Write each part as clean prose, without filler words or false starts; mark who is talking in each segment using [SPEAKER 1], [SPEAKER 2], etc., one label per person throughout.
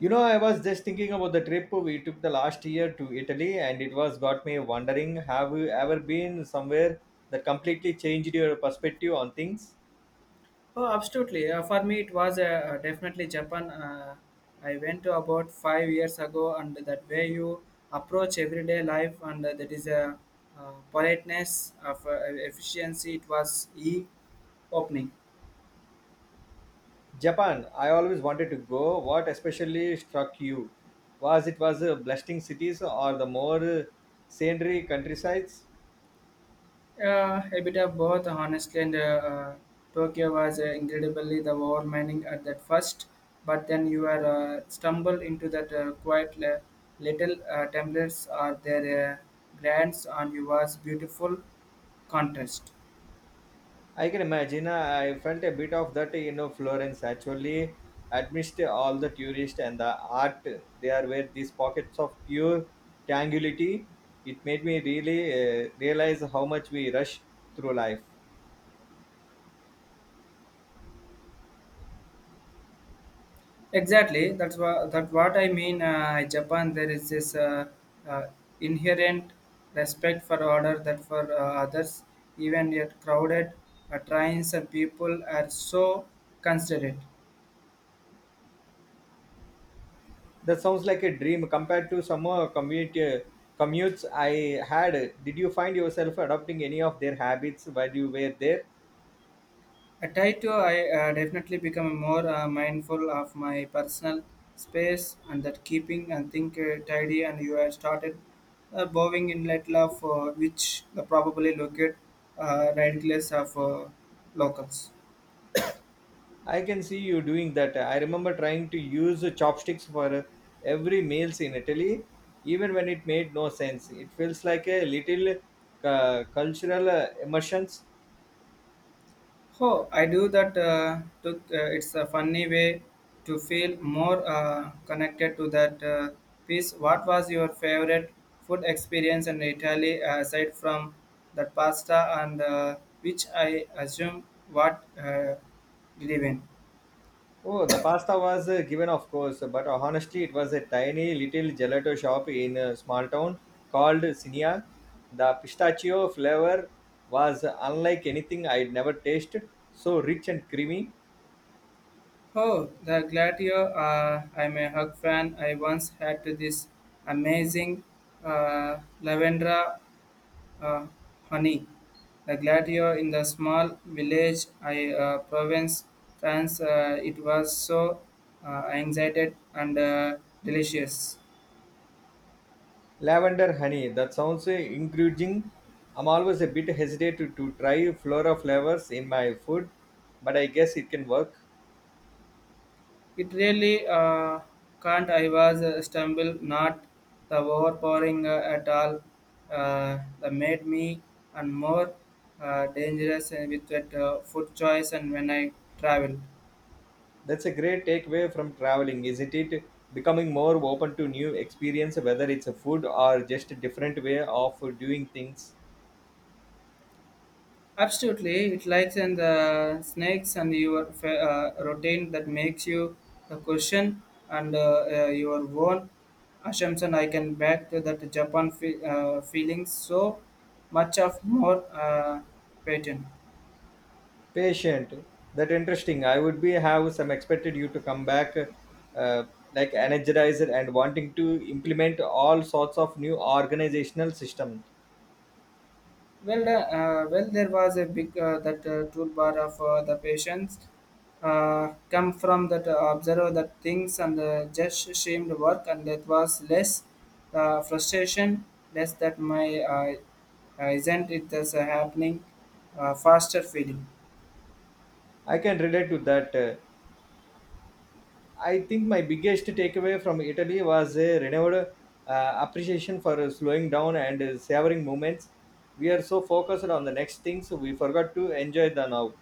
[SPEAKER 1] You know, I was just thinking about the trip we took the last year to Italy, and it was got me wondering have you ever been somewhere that completely changed your perspective on things?
[SPEAKER 2] Oh, absolutely. For me, it was definitely Japan. I went to about 5 years ago, and that way you approach everyday life, and that is a politeness of efficiency. It was e opening.
[SPEAKER 1] Japan, I always wanted to go. What especially struck you? Was it was a bustling cities or the more scenery countrysides?
[SPEAKER 2] A bit of both, honestly. And Tokyo was incredibly the overwhelming at that first, but then you are stumbled into that quiet little templates or their grants on you was beautiful contest.
[SPEAKER 1] I can imagine. I felt a bit of that, you know, Florence actually amidst all the tourists and the art. There were these pockets of pure tranquility. It made me really realize how much we rush through life.
[SPEAKER 2] Exactly, that's what I mean. Japan, there is this uh, inherent respect for order that for others, even yet crowded trains and people are so considerate.
[SPEAKER 1] That sounds like a dream compared to some commutes I had. Did you find yourself adopting any of their habits while you were there?
[SPEAKER 2] I try to I definitely become more mindful of my personal space and that keeping and think tidy and you have started bowing in light love which the probably located ridiculous of locals.
[SPEAKER 1] I can see you doing that. I remember trying to use chopsticks for every meals in Italy, even when it made no sense. It feels like a little cultural immersions.
[SPEAKER 2] Oh, I do that. Took, it's a funny way to feel more connected to that piece. What was your favorite food experience in Italy aside from that pasta and which I assume what you live in?
[SPEAKER 1] Oh, the pasta was given, of course, but honestly, it was a tiny little gelato shop in a small town called Sinia. The pistachio flavor was unlike anything I'd never tasted, so rich and creamy.
[SPEAKER 2] Oh, the Gladio. I'm a hug fan. I once had this amazing lavender Uh, honey, the gladiator in the small village I province France. It was so anxiety and delicious.
[SPEAKER 1] Lavender honey, that sounds encouraging. I'm always a bit hesitant to try flora flavors in my food, but I guess it can work.
[SPEAKER 2] It really can't. I was stumbled not the overpowering at all. That made me and more dangerous with that food choice and when I traveled.
[SPEAKER 1] That's a great takeaway from traveling, isn't it? Becoming more open to new experience, whether it's a food or just a different way of doing things.
[SPEAKER 2] Absolutely, it likes and the snakes and your routine that makes you a question and your own assumption. I can back to that Japan feeling so much of more pattern.
[SPEAKER 1] Patient, that interesting. I would be have some expected you to come back uh, like energized and wanting to implement all sorts of new organizational system.
[SPEAKER 2] Well, there was a big that toolbar of the patients come from that observe that things and just shamed work, and that was less frustration, less that my isn't it this happening, faster feeling.
[SPEAKER 1] I can relate to that. I think my biggest takeaway from Italy was a renewed appreciation for slowing down and savoring moments. We are so focused on the next things we forgot to enjoy the now.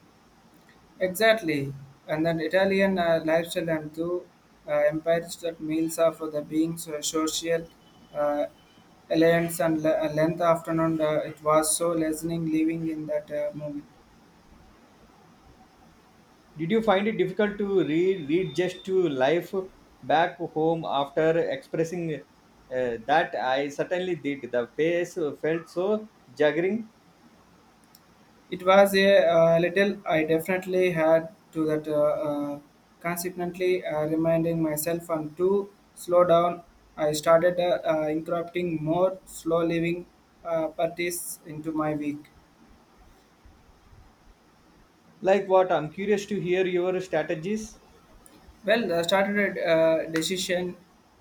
[SPEAKER 2] Exactly, and then Italian lifestyle and two empires that meals are for the being so social uh, alliance and length afternoon. It was so listening, living in that moment.
[SPEAKER 1] Did you find it difficult to read just to life back home after expressing that? I certainly did. The pace felt so juggling.
[SPEAKER 2] It was a little I definitely had to that uh, consequently reminding myself and to slow down. I started incorporating more slow living practice into my week.
[SPEAKER 1] Like what? I'm curious to hear your strategies.
[SPEAKER 2] Well, I started a decision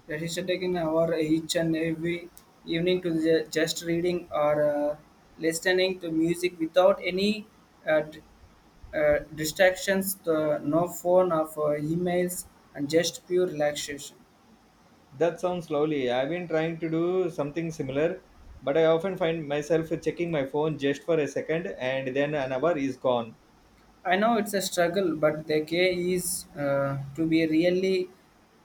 [SPEAKER 2] decision taking hour each and every evening to just reading or listening to music without any uh, d- distractions, the, no phone or emails, and just pure relaxation.
[SPEAKER 1] That sounds lovely. I've been trying to do something similar, but I often find myself checking my phone just for a second and then an hour is gone.
[SPEAKER 2] I know it's a struggle, but the key is to be really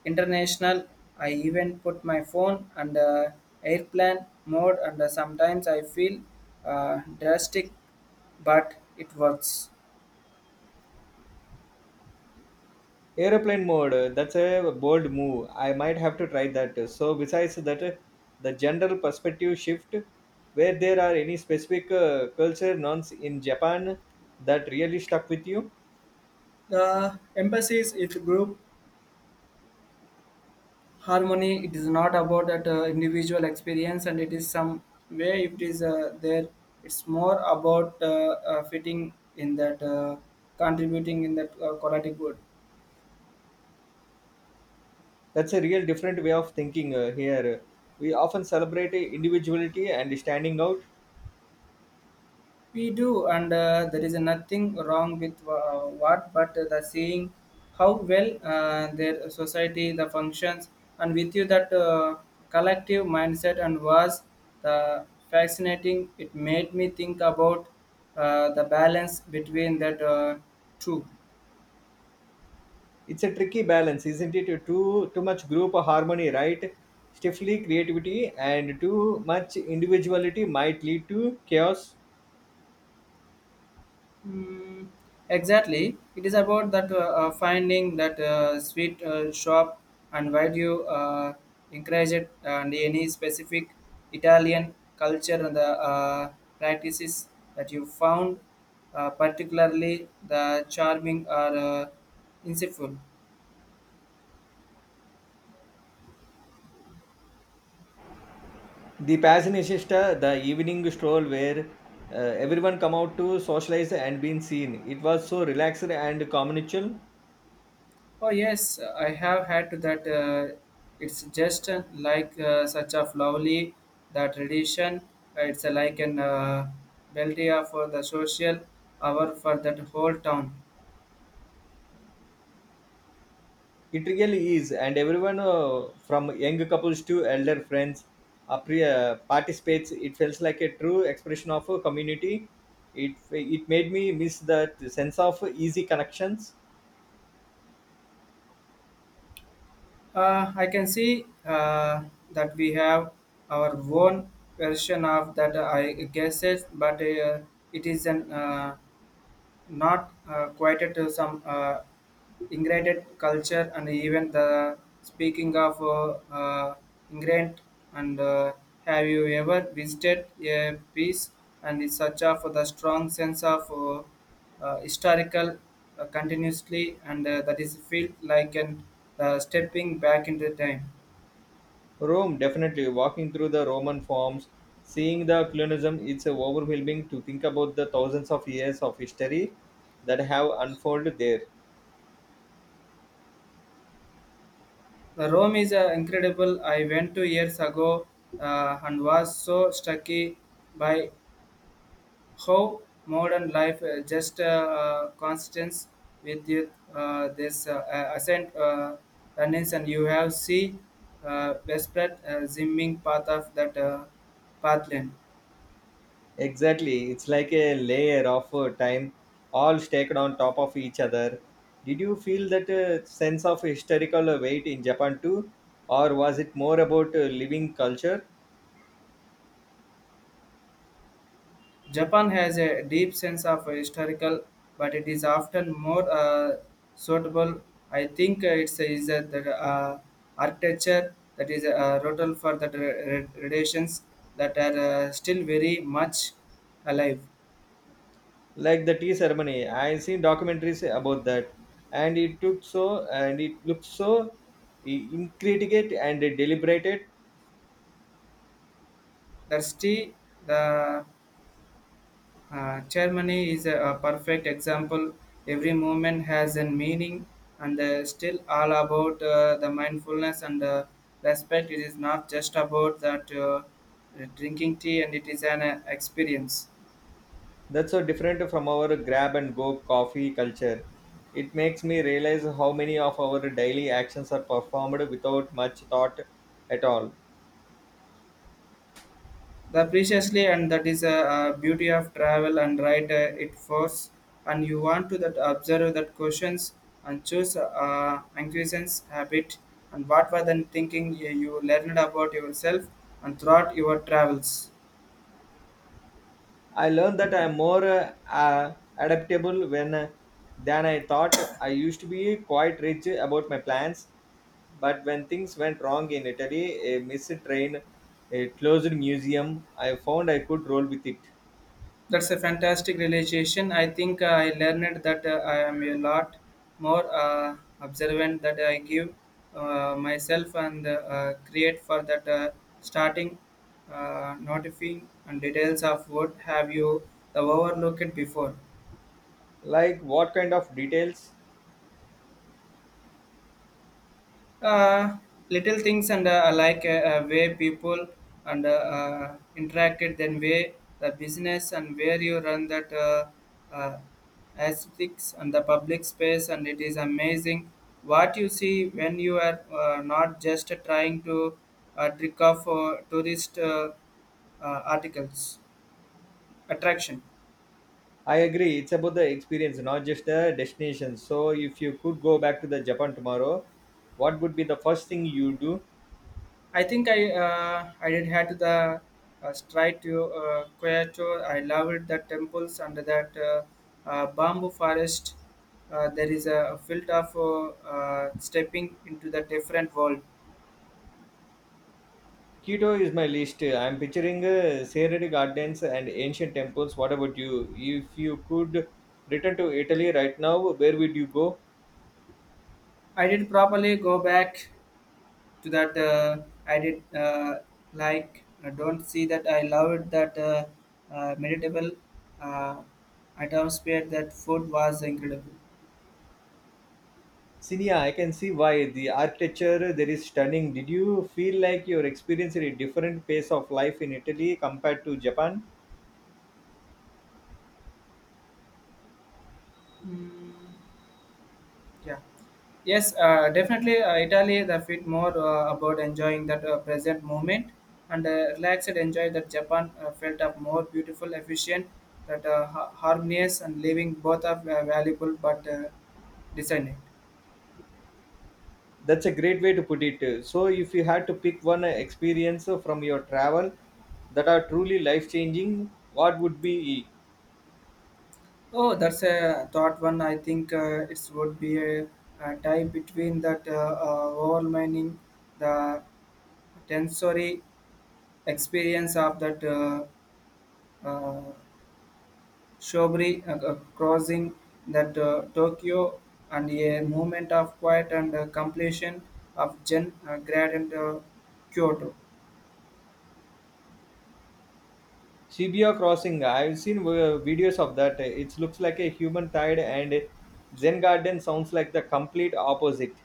[SPEAKER 2] international. I even put my phone under airplane mode, and sometimes I feel drastic, but it works.
[SPEAKER 1] Aeroplane mode, that's a bold move. I might have to try that. So, besides that, the general perspective shift, where there are any specific culture norms in Japan that really stuck with you?
[SPEAKER 2] The emphasis is group harmony. It is not about that individual experience, and it is some way if it is there. It's more about fitting in that, contributing in that quality good.
[SPEAKER 1] That's a real different way of thinking here. We often celebrate individuality and standing out.
[SPEAKER 2] We do, and there is nothing wrong with what, but the seeing how well their society, the functions, and with you that collective mindset and was the fascinating. It made me think about the balance between that two.
[SPEAKER 1] It's a tricky balance, isn't it? Too much group harmony right stiffly creativity, and too much individuality might lead to chaos.
[SPEAKER 2] Mm, exactly. It is about that finding that sweet shop and why do you encourage it and any specific Italian culture and the practices that you found particularly the charming or insightful.
[SPEAKER 1] The passion is just the evening stroll where uh, everyone come out to socialize and been seen, it was so relaxed and communal.
[SPEAKER 2] Oh yes, I have had that. It's just like such a lovely that tradition. It's like an beldia for the social hour for that whole town.
[SPEAKER 1] It really is, and everyone from young couples to elder friends participates. It feels like a true expression of a community. It made me miss that sense of easy connections.
[SPEAKER 2] I can see that we have our own version of that. I guess it, but it is an not quite to some. Ingrained culture and even the speaking of ingrained and have you ever visited a piece and is such of the strong sense of historical continuously and that is feel like an stepping back into time.
[SPEAKER 1] Rome, definitely walking through the Roman forms, seeing the colonialism. It's overwhelming to think about the thousands of years of history that have unfolded there.
[SPEAKER 2] The rome is incredible I went 2 years ago and was so struck by how modern life just constants with you, this ascent runnings, and you have see desperate zimming path of that pathland.
[SPEAKER 1] Exactly. It's like a layer of time, all stacked on top of each other. Did you feel that sense of historical weight in Japan too? Or was it more about living culture?
[SPEAKER 2] Japan has a deep sense of historical, but it is often more suitable. I think it's is that the architecture that is rotal for the traditions that are still very much alive.
[SPEAKER 1] Like the tea ceremony, I seen documentaries about that. And it took so, and it looked so intricate and deliberated.
[SPEAKER 2] That's tea. The ceremony is a perfect example. Every movement has a meaning, and still all about the mindfulness and respect. It is not just about that drinking tea, and it is an experience.
[SPEAKER 1] That's so different from our grab and go coffee culture. It makes me realize how many of our daily actions are performed without much thought at all.
[SPEAKER 2] The preciously and that is a beauty of travel and right it force and you want to that observe that questions and choose inquisitions habit and what were then thinking you learned about yourself and throughout your travels.
[SPEAKER 1] I learned that I'm more adaptable when than I thought. I used to be quite rigid about my plans, but when things went wrong in Italy, a missed train, a closed museum, I found I could roll with it.
[SPEAKER 2] That's a fantastic realization. I think I learned that I am a lot more observant that I give myself and create for that starting notifying and details of what have you the overlooked before.
[SPEAKER 1] Like what kind of details?
[SPEAKER 2] uh, Little things and like way people and interacted then way the business and where you run that uh, aesthetics and the public space and it is amazing what you see when you are not just trying to trick off tourist articles attraction.
[SPEAKER 1] I agree. It's about the experience, not just the destination. So, if you could go back to the Japan tomorrow, what would be the first thing you do?
[SPEAKER 2] I think I did had the stride to Kyoto. I loved the temples and that bamboo forest. There is a field of stepping into the different world.
[SPEAKER 1] Kyoto is my list. I'm picturing serene gardens and ancient temples. What about you? If you could return to Italy right now, where would you go?
[SPEAKER 2] I did properly go back to that. I did like I don't see that I loved that meditable uh, atmosphere. That food was incredible.
[SPEAKER 1] Sinia, I can see why the architecture there is stunning. Did you feel like you're experiencing a different pace of life in Italy compared to Japan?
[SPEAKER 2] Mm. Yeah. Yes, definitely. Italy, the fit more about enjoying that present moment and relaxed. Enjoy that Japan felt up more beautiful, efficient, that harmonious, and living both are valuable but designing.
[SPEAKER 1] That's a great way to put it. So, if you had to pick one experience from your travel that are truly life changing, what would be?
[SPEAKER 2] Oh, that's a thought one. I think it would be a tie between that overwhelming the sensory experience of that uh, Shobri crossing that Tokyo and a moment of quiet and completion of Gen Grad and Kyoto.
[SPEAKER 1] Shibuya Crossing? I've seen videos of that. It looks like a human tide, and Zen Garden sounds like the complete opposite.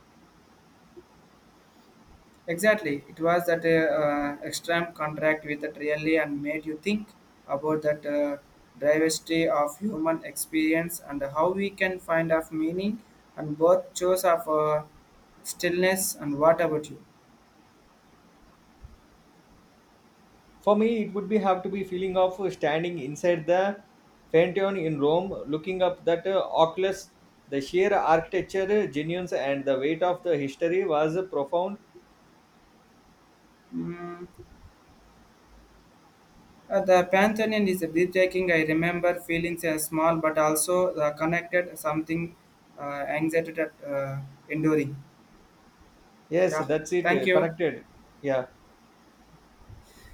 [SPEAKER 2] Exactly, it was that extreme contract with that really and made you think about that diversity of human experience and how we can find of meaning and both chose of stillness and what about you?
[SPEAKER 1] For me, it would be have to be feeling of standing inside the Pantheon in Rome, looking up that oculus. The sheer architecture, genuines, and the weight of the history was profound.
[SPEAKER 2] Mm. The Pantheon is a breathtaking. I remember feeling small but also connected, something anxiety that enduring.
[SPEAKER 1] Yes,
[SPEAKER 2] Yeah,
[SPEAKER 1] that's
[SPEAKER 2] thank
[SPEAKER 1] it.
[SPEAKER 2] you.
[SPEAKER 1] Connected. Yeah.